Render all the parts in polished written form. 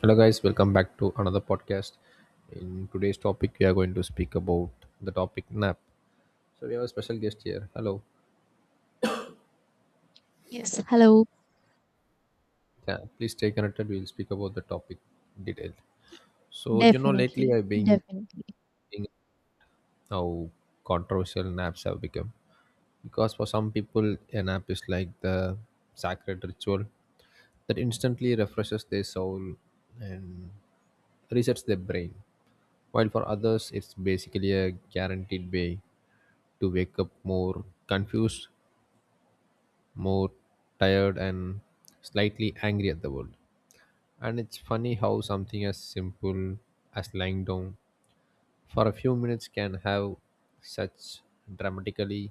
Hello, guys, welcome back to another podcast. In today's topic, we are going to speak about the topic nap. So, we have a special guest here. Hello, Yes, hello. yeah, please stay connected. We'll speak about the topic in detail. So, lately Definitely, I've been definitely, thinking how controversial naps have become, because for some people, a nap is like the sacred ritual that instantly refreshes their soul and resets their brain, while for others, it's basically a guaranteed way to wake up more confused, more tired, and slightly angry at the world. And it's funny how something as simple as lying down for a few minutes can have such dramatically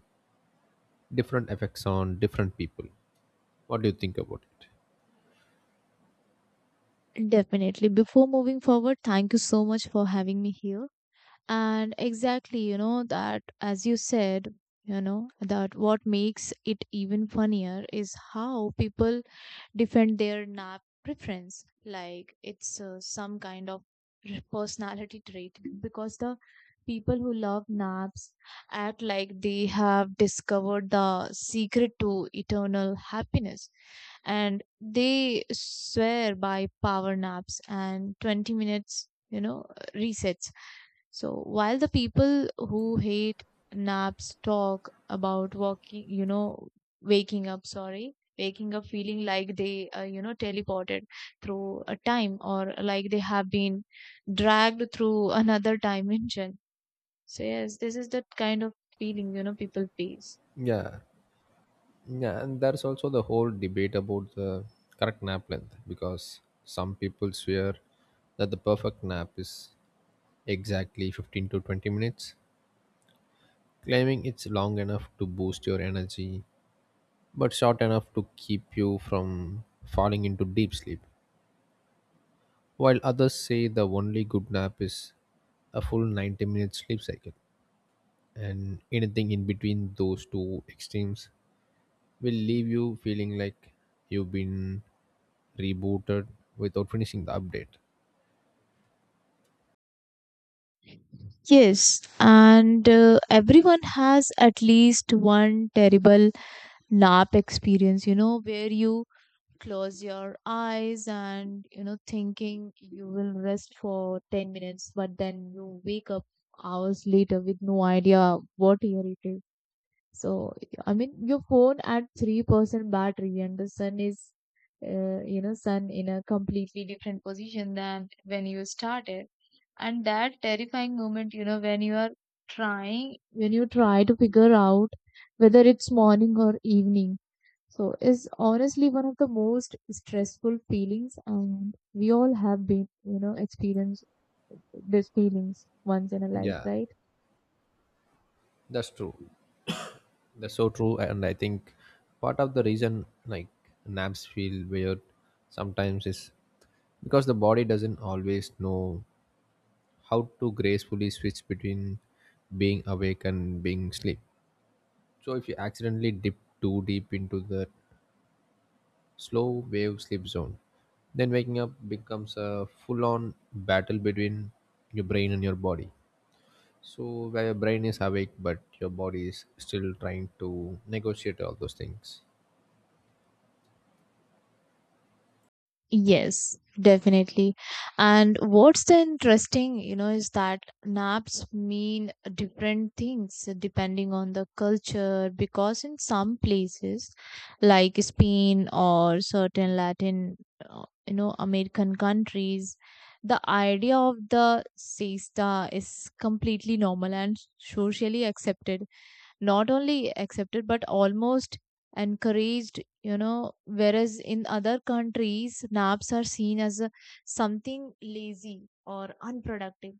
different effects on different people. What do you think about it? definitely. Before moving forward, thank you so much for having me here. And exactly, you know, that as you said, you know, that what makes it even funnier is how people defend their nap preference like it's some kind of personality trait because the people who love naps act like they have discovered the secret to eternal happiness, and they swear by power naps, and 20 minutes, you know, resets. So while the people who hate naps talk about walking you know waking up, sorry, waking up feeling like they teleported through a time, or like they have been dragged through another dimension. So, yes, this is that kind of feeling, you know, people face. Yeah. Yeah, and there's also the whole debate about the correct nap length, because some people swear that the perfect nap is exactly 15 to 20 minutes, claiming it's long enough to boost your energy but short enough to keep you from falling into deep sleep, while others say the only good nap is a full 90-minute sleep cycle, and anything in between those two extremes will leave you feeling like you've been rebooted without finishing the update. Yes, and everyone has at least one terrible nap experience, you know, where you close your eyes and, you know, thinking you will rest for 10 minutes, but then you wake up hours later with no idea what year it is. So, I mean, your phone at 3% battery and the sun is, sun in a completely different position than when you started. And that terrifying moment, you know, when you try to figure out whether it's morning or evening. So, is honestly one of the most stressful feelings, and we all have been, you know, experienced these feelings once in a life, Yeah, right? that's true. That's so true. And I think part of the reason, like, naps feel weird sometimes is because the body doesn't always know how to gracefully switch between being awake and being asleep. So if you accidentally dip too deep into the slow wave sleep zone, then waking up becomes a full on battle between your brain and your body. So where your brain is awake, but your body is still trying to negotiate all those things. Yes, definitely. And what's the interesting, you know, is that naps mean different things depending on the culture, because in some places like Spain or certain Latin, American countries, the idea of the siesta is completely normal and socially accepted, not only accepted but almost encouraged, you know, whereas in other countries naps are seen as a, something lazy or unproductive,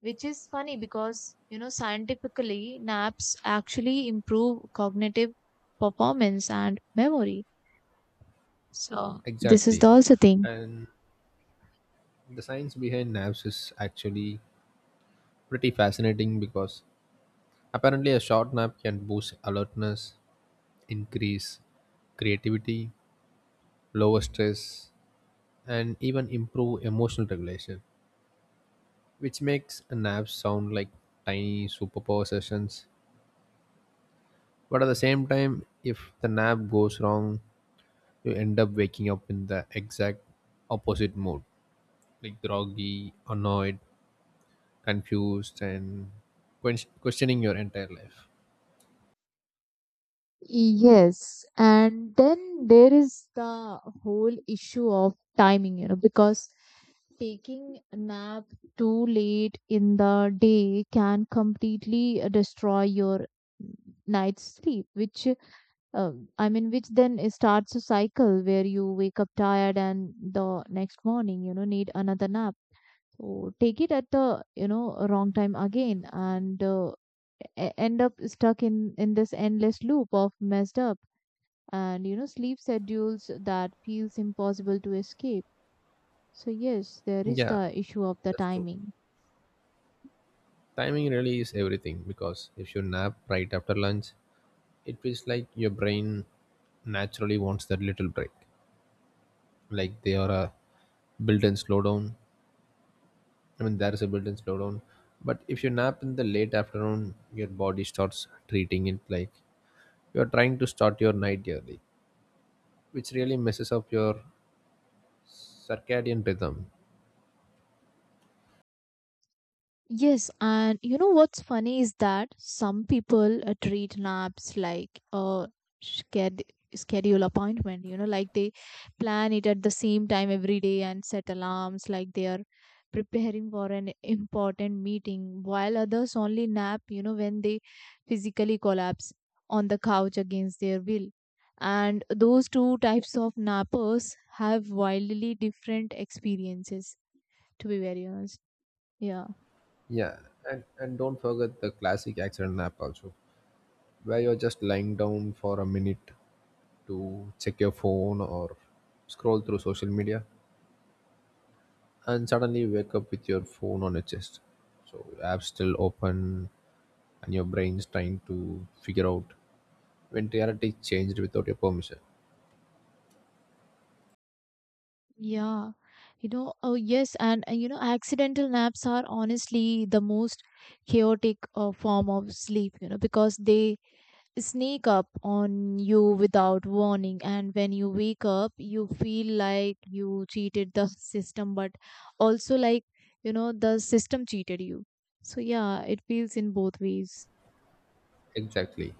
which is funny because, you know, scientifically naps actually improve cognitive performance and memory. So this is the Exactly. also thing. And the science behind naps is actually pretty fascinating, because apparently a short nap can boost alertness, increase creativity, lower stress, and even improve emotional regulation, which makes a nap sound like tiny superpower sessions. But at the same time, if the nap goes wrong, you end up waking up in the exact opposite mood, like groggy, annoyed, confused, and questioning your entire life. Yes, and then there is the whole issue of timing, you know, because taking a nap too late in the day can completely destroy your night's sleep, which uh, I mean, which then it starts a cycle where you wake up tired and the next morning, you know, need another nap. So take it at the, you know, wrong time again, and end up stuck in this endless loop of messed up, and, you know, sleep schedules that feels impossible to escape. So yes, there is Yeah, the issue of the that's true. timing. Timing really is everything, because if you nap right after lunch, it feels like your brain naturally wants that little break, like they are a built-in slowdown. I mean, there is a built-in slowdown. But if you nap in the late afternoon, your body starts treating it like you're trying to start your night early, which really messes up your circadian rhythm. Yes, and you know what's funny is that some people treat naps like a sched schedule appointment, you know, like they plan it at the same time every day and set alarms like they are preparing for an important meeting, while others only nap, you know, when they physically collapse on the couch against their will. And those two types of nappers have wildly different experiences, to be very honest. Yeah. Yeah, and don't forget the classic accident nap also, where you're just lying down for a minute to check your phone or scroll through social media, and suddenly you wake up with your phone on your chest. So your app's still open, and your brain's trying to figure out when reality changed without your permission. Yeah, you know, oh yes, and, you know, accidental naps are honestly the most chaotic form of sleep, you know, because they sneak up on you without warning. And when you wake up, you feel like you cheated the system, but also like, you know, the system cheated you. So, yeah, it feels in both ways. Exactly.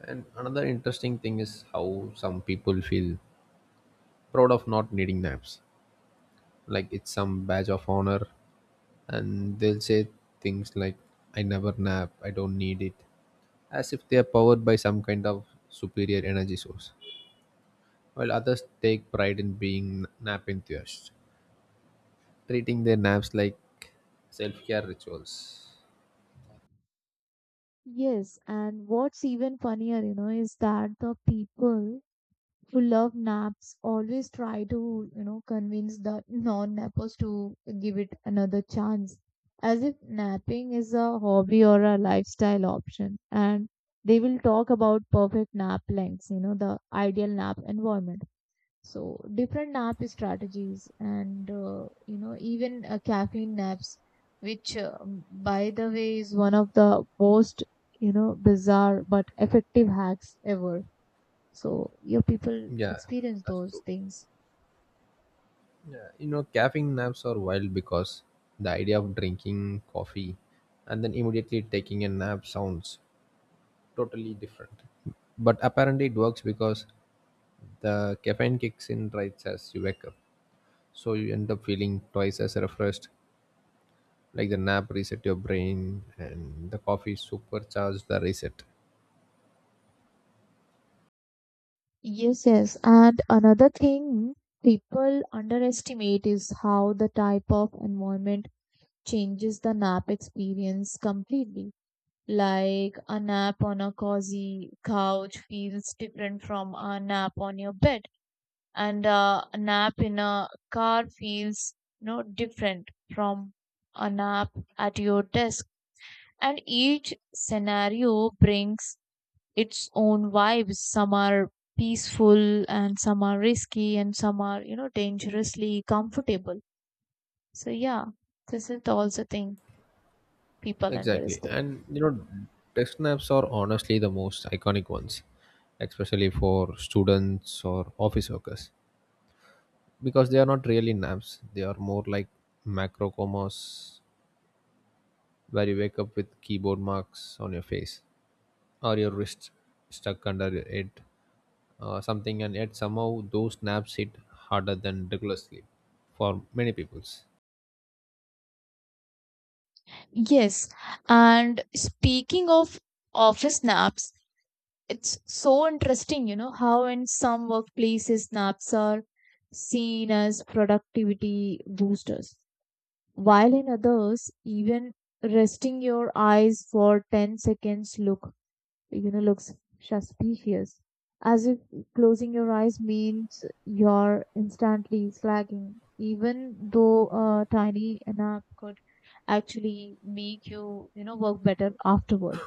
And another interesting thing is how some people feel proud of not needing naps, like it's some badge of honor, and they'll say things like, "I never nap, I don't need it," as if they are powered by some kind of superior energy source, while others take pride in being nap enthusiasts, treating their naps like self-care rituals. Yes, and what's even funnier, you know, is that the people who love naps always try to, you know, convince the non-nappers to give it another chance, as if napping is a hobby or a lifestyle option. And they will talk about perfect nap lengths, you know, the ideal nap environment. So different nap strategies and, you know, even caffeine naps, which, by the way, is one of the most, you know, bizarre but effective hacks ever, so your people Yeah, experience that's those true. things. Yeah, caffeine naps are wild, because the idea of drinking coffee and then immediately taking a nap sounds totally different, but apparently it works because the caffeine kicks in right as you wake up, so you end up feeling twice as refreshed. Like the nap reset your brain, and the coffee supercharged the reset. Yes, yes. And another thing people underestimate is how the type of environment changes the nap experience completely. Like a nap on a cozy couch feels different from a nap on your bed, and a nap in a car feels, you know, different from a nap at your desk. And each scenario brings its own vibes. Some are peaceful, and some are risky, and some are, you know, dangerously comfortable. So, yeah, this is also thing people Exactly, underestimate. and desk naps are honestly the most iconic ones, especially for students or office workers, because they are not really naps; they are more like macro comas, where you wake up with keyboard marks on your face or your wrist stuck under your head, something, and yet somehow those naps hit harder than regular sleep for many peoples. Yes. And speaking of office naps, it's so interesting, you know, how in some workplaces naps are seen as productivity boosters, while in others, even resting your eyes for 10 seconds look, you know, looks suspicious, as if closing your eyes means you're instantly slacking, even though a tiny nap could actually make you, you know, work better afterward.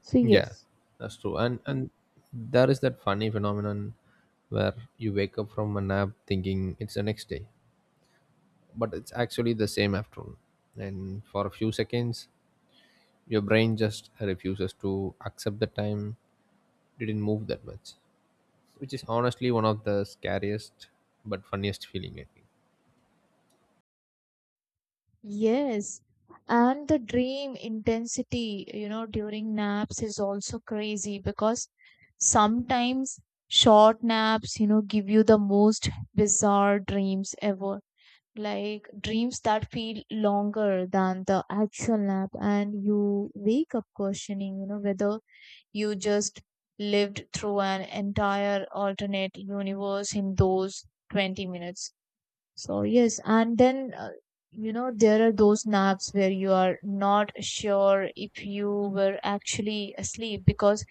So Yeah, yes, that's true. And there is that funny phenomenon where you wake up from a nap thinking it's the next day, but it's actually the same afternoon, and for a few seconds your brain just refuses to accept the time didn't move that much, which is honestly one of the scariest but funniest feeling, I think. yes. And the dream intensity, you know, during naps is also crazy, because sometimes short naps, you know, give you the most bizarre dreams ever, like dreams that feel longer than the actual nap, and you wake up questioning, you know, whether you just lived through an entire alternate universe in those 20 minutes. So yes, and then you know, there are those naps where you are not sure if you were actually asleep, because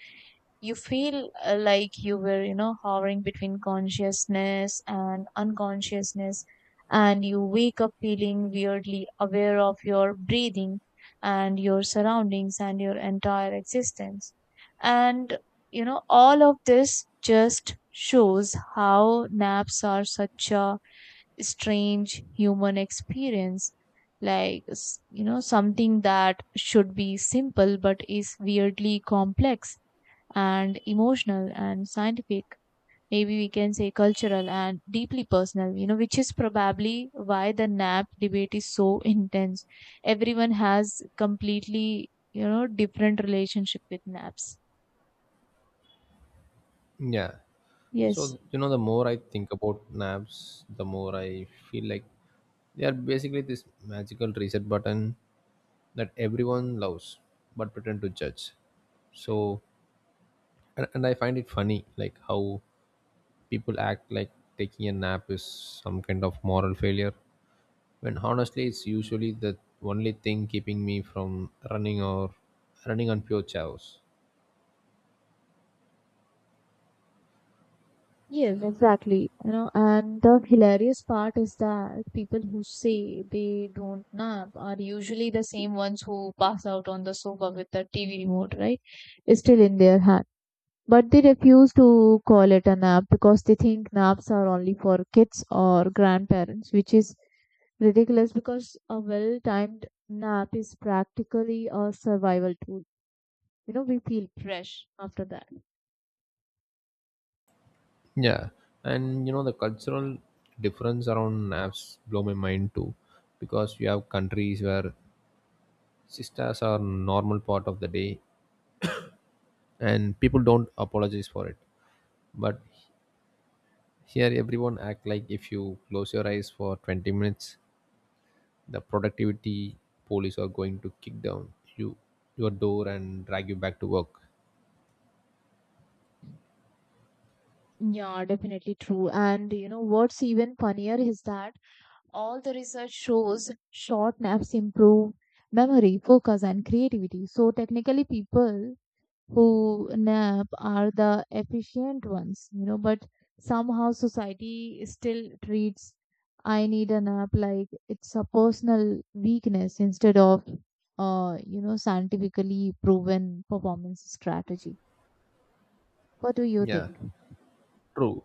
you feel like you were, you know, hovering between consciousness and unconsciousness, and you wake up feeling weirdly aware of your breathing and your surroundings and your entire existence, and, you know, all of this just shows how naps are such a strange human experience, like you know, something that should be simple but is weirdly complex and emotional and scientific, maybe we can say cultural and deeply personal, you know, which is probably why the nap debate is so intense. Everyone has completely, you know, different relationship with naps. Yeah. yes So, the more I think about naps, the more I feel like they are basically this magical reset button that everyone loves but pretend to judge. So, and I find it funny, like how people act like taking a nap is some kind of moral failure, when honestly it's usually the only thing keeping me from running or running on pure chaos. yes exactly, you know, and the hilarious part is that people who say they don't nap are usually the same ones who pass out on the sofa with the TV remote, right, still in their hand. But they refuse to call it a nap because they think naps are only for kids or grandparents, which is ridiculous because a well timed nap is practically a survival tool. You know, we feel fresh after that. Yeah, and the cultural difference around naps blow my mind too, because you have countries where sisters are normal part of the day, and people don't apologize for it. But here, everyone act like if you close your eyes for 20 minutes, the productivity police are going to kick down you your door and drag you back to work. Yeah, definitely true. And you know what's even funnier is that all the research shows short naps improve memory, focus, and creativity. So technically, people who nap are the efficient ones, you know, but somehow society still treats "I need a nap" like it's a personal weakness, instead of, you know, scientifically proven performance strategy. What do you Yeah, think? true.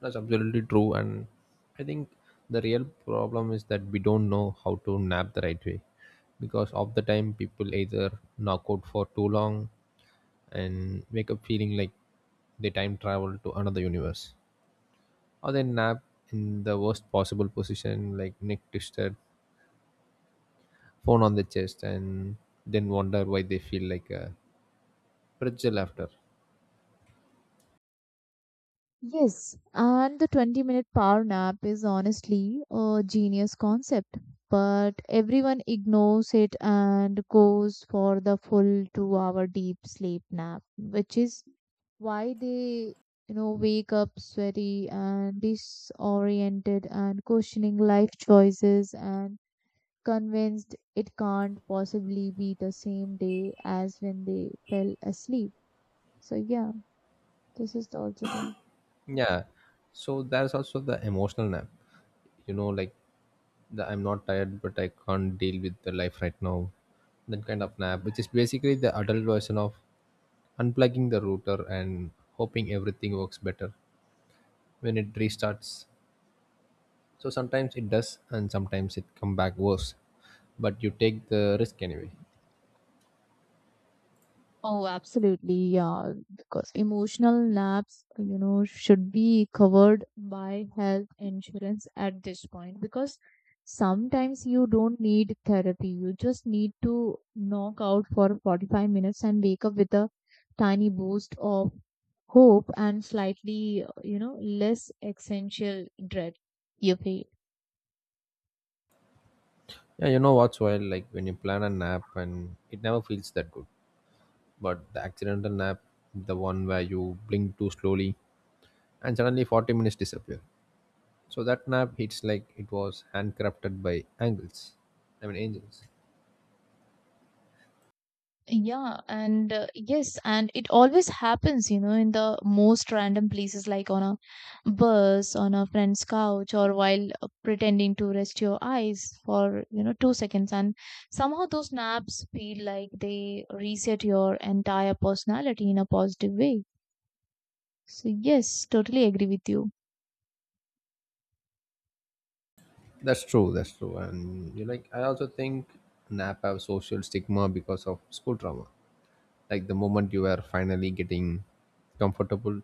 That's absolutely true. And I think the real problem is that we don't know how to nap the right way, because of the time people either knock out for too long and wake up feeling like they time travel to another universe, or they nap in the worst possible position, like neck twisted, phone on the chest, and then wonder why they feel like a pretzel after. Yes, and the 20-minute power nap is honestly a genius concept, but everyone ignores it and goes for the full 2-hour deep sleep nap, which is why they, you know, wake up sweaty and disoriented and questioning life choices and convinced it can't possibly be the same day as when they fell asleep. So yeah, this is the also thing. Yeah. So there's also the emotional nap. Like the "I'm not tired, but I can't deal with the life right now." That kind of nap, which is basically the adult version of unplugging the router and hoping everything works better when it restarts. So sometimes it does, and sometimes it come back worse. But you take the risk anyway. Oh, absolutely. Yeah. Because emotional naps, you know, should be covered by health insurance at this point, because sometimes you don't need therapy. You just need to knock out for 45 minutes and wake up with a tiny boost of hope and slightly, you know, less essential dread you feel. Yeah, you know what's wild? Like when you plan a nap, and it never feels that good. But the accidental nap, the one where you blink too slowly and suddenly 40 minutes disappear. So that nap hits like it was handcrafted by angels. I mean angels. Yeah, and it always happens, you know, in the most random places, like on a bus, on a friend's couch, or while pretending to rest your eyes for, you know, 2 seconds. And somehow those naps feel like they reset your entire personality in a positive way. So, yes, totally agree with you. That's true, that's true. And you, like, I also think nap have social stigma because of school trauma. Like the moment you are finally getting comfortable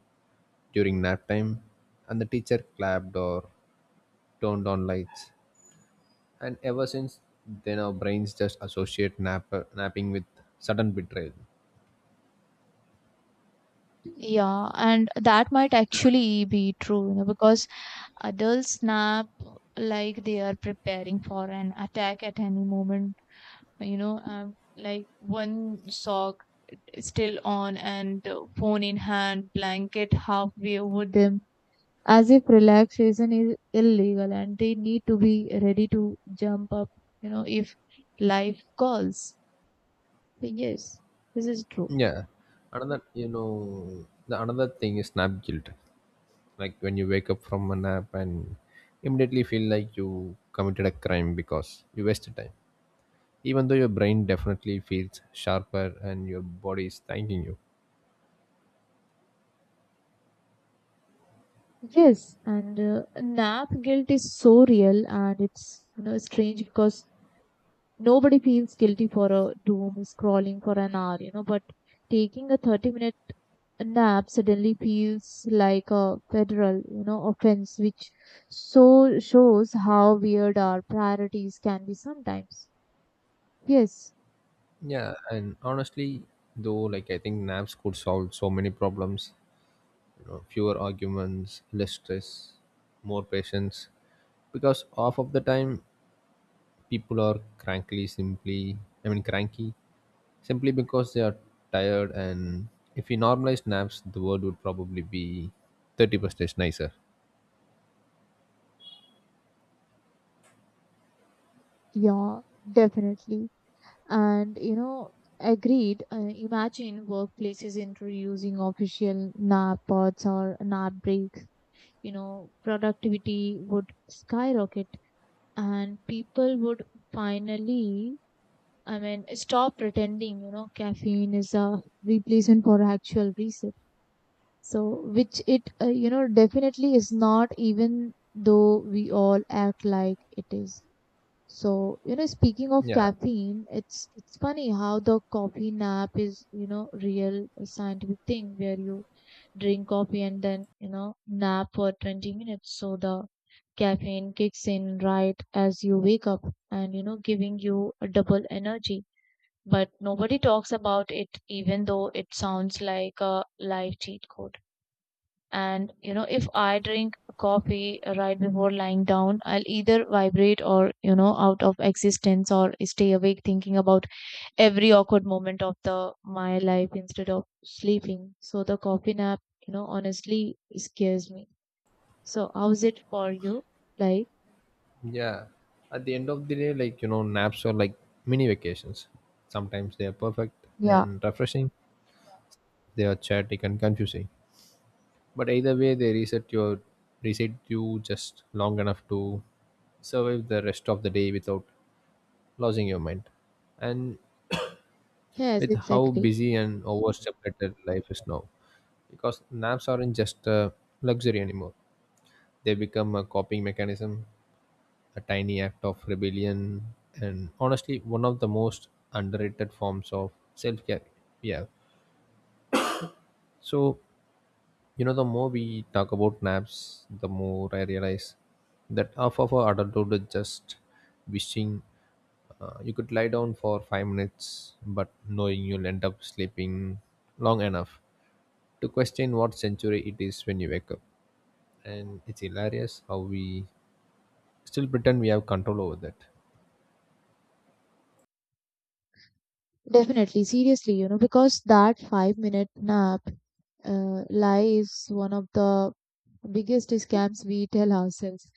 during nap time, and the teacher clapped or turned on lights. And ever since then our brains just associate napping with sudden betrayal. Yeah, and that might actually be true, you know, because adults nap like they are preparing for an attack at any moment, you know, like one sock still on, and phone in hand, blanket halfway over them, as if relaxation is illegal and they need to be ready to jump up, you know, if life calls. Yes, this is true. Yeah, another, the another thing is nap guilt, like when you wake up from a nap and immediately feel like you committed a crime because you wasted time, even though your brain definitely feels sharper and your body is thanking you. Yes, and nap guilt is so real, and it's, you know, strange because nobody feels guilty for a doom scrolling for an hour, you know, but taking a 30 minute a nap suddenly feels like a federal, you know, offense, which so shows how weird our priorities can be sometimes. Yes, Yeah, and honestly, though, like I think naps could solve so many problems. Fewer arguments, less stress, more patience, because half of the time people are crankly, simply. I mean, cranky simply because they are tired. And if we normalize naps, the world would probably be 30% nicer. yeah, definitely. And you know, agreed. Imagine workplaces introducing official nap pods or nap breaks. You know, productivity would skyrocket, and people would finally, I mean, stop pretending, you know, caffeine is a replacement for actual reset. So, which it, you know, definitely is not, even though we all act like it is. So, you know, speaking of Yeah, caffeine, it's funny how the coffee nap is, you know, real scientific thing where you drink coffee and then, you know, nap for 20 minutes. So the caffeine kicks in right as you wake up and, you know, giving you a double energy but nobody talks about it even though it sounds like a life cheat code. And you know, if I drink coffee right before lying down, I'll either vibrate or, you know, out of existence or stay awake thinking about every awkward moment of the my life instead of sleeping. So the coffee nap, you know, honestly scares me. So how's it for you? Like, yeah. At the end of the day, like, naps are like mini vacations. Sometimes they are perfect yeah, and refreshing, they are chaotic and confusing. But either way, they reset you just long enough to survive the rest of the day without losing your mind. And yes, with how exactly. busy and overstimulated life is now, because naps aren't just a luxury anymore. They become a coping mechanism, a tiny act of rebellion, and honestly, one of the most underrated forms of self care. Yeah. So, the more we talk about naps, the more I realize that half of our adulthood is just wishing you could lie down for 5 minutes, but knowing you'll end up sleeping long enough to question what century it is when you wake up. And it's hilarious how we still pretend we have control over that. Definitely, seriously, you know, because that 5-minute minute nap lie is one of the biggest scams we tell ourselves,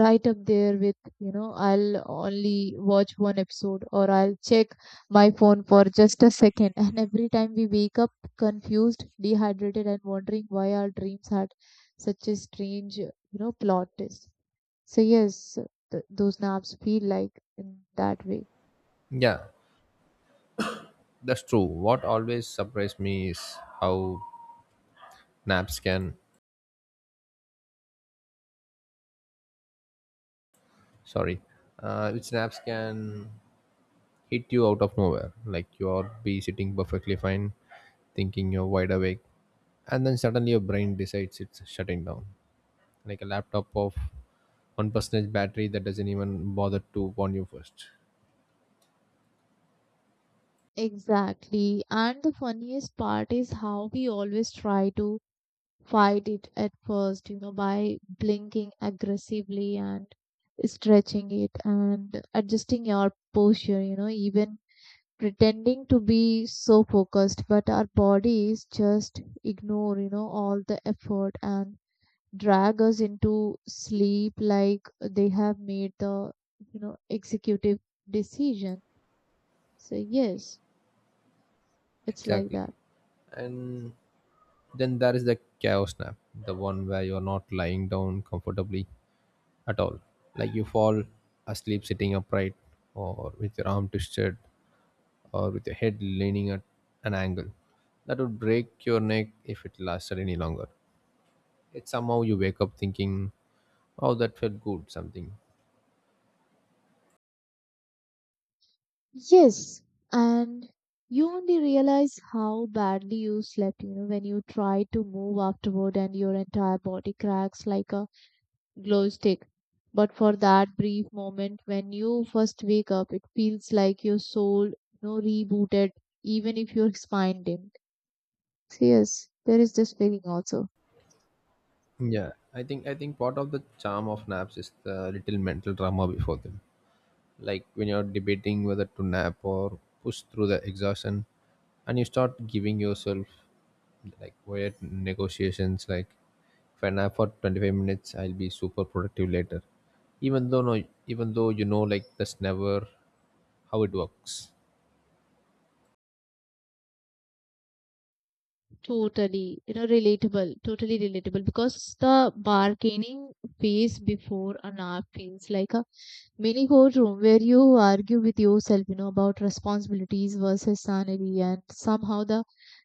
right up there with, you know, I'll only watch one episode or I'll check my phone for just a second. And every time we wake up confused, dehydrated, and wondering why our dreams had such a strange, you know, plot twist. So yes, those naps feel like in that way. Yeah, that's true. What always surprised me is how naps can, sorry, which naps can hit you out of nowhere. Like you'll be sitting perfectly fine, thinking you're wide awake, and then suddenly your brain decides it's shutting down, like a laptop of one percentage battery that doesn't even bother to warn you first. Exactly. And the funniest part is how we always try to fight it at first, you know, by blinking aggressively and stretching it and adjusting your posture, you know, even pretending to be so focused, but our bodies just ignore, you know, all the effort and drag us into sleep like they have made the, you know, executive decision. So, yes, it's like Exactly. that. And then there is the chaos nap, the one where you're not lying down comfortably at all. Like you fall asleep sitting upright, or with your arm twisted, or with your head leaning at an angle. That would break your neck if it lasted any longer. It's somehow you wake up thinking, "Oh, that felt good," something. Yes, and you only realize how badly you slept, you know, when you try to move afterward and your entire body cracks like a glow stick. But for that brief moment when you first wake up, it feels like your soul, you know, rebooted, even if your spine did. Yes, there is this feeling also. Yeah, I think part of the charm of naps is the little mental drama before them, like when you're debating whether to nap or push through the exhaustion, and you start giving yourself like weird negotiations like, if I nap for 25 minutes I'll be super productive later, even though no, even though, like, that's never how it works. Totally, you know, relatable, totally relatable, because the bargaining phase before a nap feels like a mini courtroom where you argue with yourself, you know, about responsibilities versus sanity, and somehow the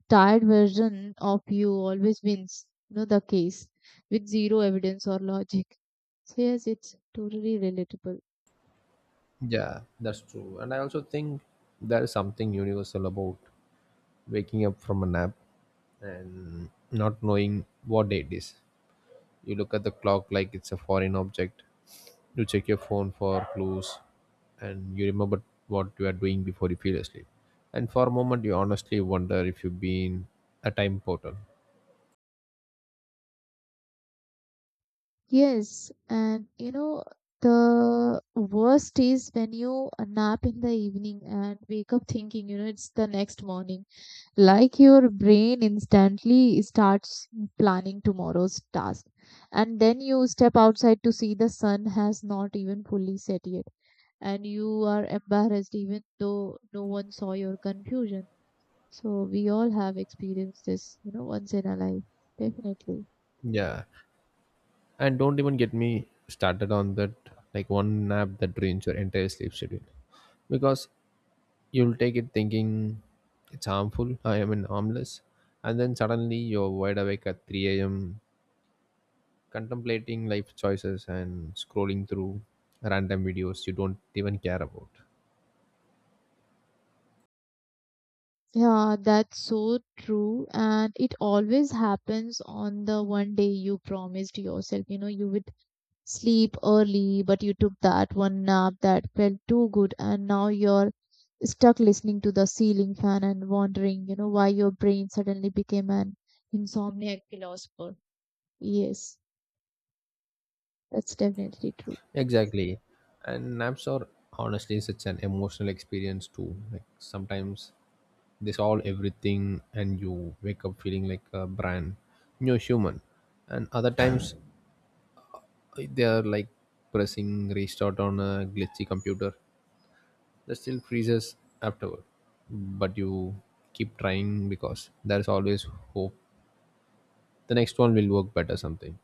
tired version of you always wins, you know, the case with zero evidence or logic. So yes, it's totally relatable. Yeah, that's true. And I also think there is something universal about waking up from a nap and not knowing what day it is. You look at the clock like it's a foreign object, you check your phone for clues, and you remember what you are doing before you feel asleep. And for a moment, you honestly wonder if you've been a time portal. Yes, and you know, the worst is when you nap in the evening and wake up thinking, you know, it's the next morning, like your brain instantly starts planning tomorrow's task and then you step outside to see the sun has not even fully set yet and you are embarrassed even though no one saw your confusion. So we all have experienced this, you know, once in our life. Definitely. Yeah, and don't even get me started on that, like one nap that drains your entire sleep schedule, because you'll take it thinking it's harmful, I am an harmless, and then suddenly you're wide awake at 3 a.m. contemplating life choices and scrolling through random videos you don't even care about. Yeah, that's so true, and it always happens on the one day you promised yourself, you know, you would sleep early, but you took that one nap that felt too good, and now you're stuck listening to the ceiling fan and wondering, you know, why your brain suddenly became an insomniac philosopher. Yes, that's definitely true. Exactly. And naps are honestly such an emotional experience too. Like sometimes they solve everything and you wake up feeling like a brand new human. And other times they are like pressing restart on a glitchy computer that still freezes afterward. But you keep trying because there's always hope the next one will work better something.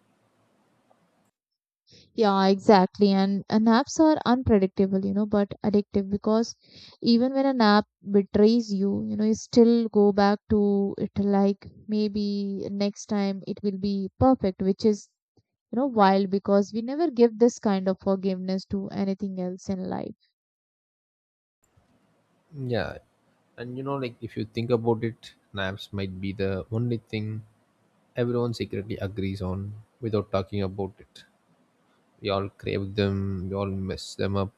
Yeah, exactly. And naps are unpredictable, you know, but addictive, because even when a nap betrays you, you know, you still go back to it like maybe next time it will be perfect, which is, you know, wild, because we never give this kind of forgiveness to anything else in life. Yeah. And like if you think about it, naps might be the only thing everyone secretly agrees on without talking about it. We all crave them, we all mess them up,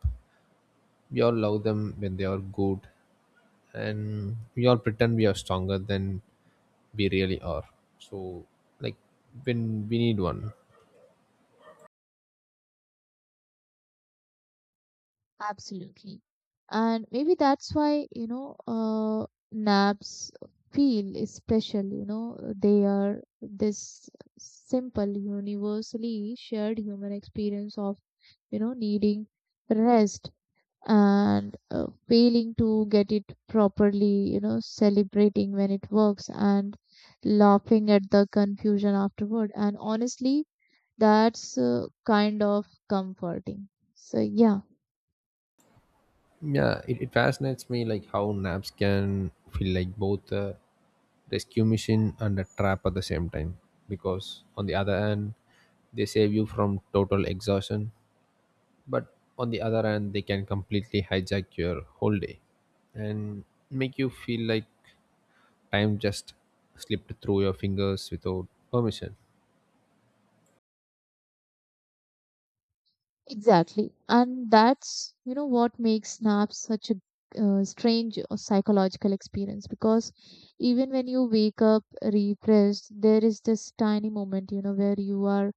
we all love them when they are good, and we all pretend we are stronger than we really are. So, like, when we need one. Absolutely. And maybe that's why, you know, naps feel special, you know. They are this simple universally shared human experience of, you know, needing rest and failing to get it properly, you know, celebrating when it works and laughing at the confusion afterward, and honestly that's kind of comforting. So yeah, Yeah, it fascinates me, like how naps can feel like both a rescue mission and a trap at the same time. Because on the other hand, they save you from total exhaustion, but on the other hand they can completely hijack your whole day and make you feel like time just slipped through your fingers without permission. exactly. And that's, you know, what makes Snaps such a strange or psychological experience, because even when you wake up refreshed, there is this tiny moment, you know, where you are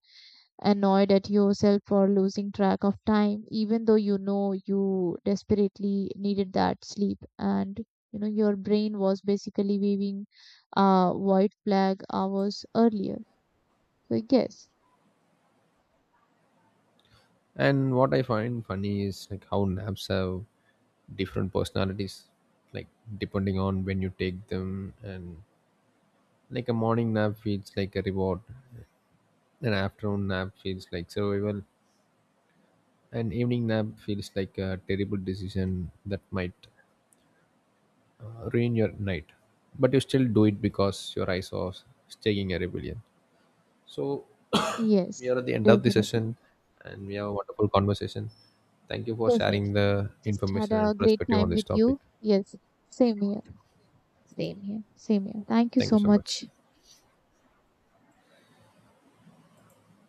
annoyed at yourself for losing track of time, even though you know you desperately needed that sleep and you know your brain was basically waving a white flag hours earlier. So yes, And what I find funny is like how naps have different personalities, like depending on when you take them, and like a morning nap feels like a reward, an afternoon nap feels like survival, an evening nap feels like a terrible decision that might ruin your night, but you still do it because your eyes are staging a rebellion. So we yes, are at the end of the session, definitely. and we have a wonderful conversation. Thank you for sharing Definitely. the Just had information a and great perspective on time this with topic. you. Yes, same here. Same here. Same here. Thank you Thank you so so much. much.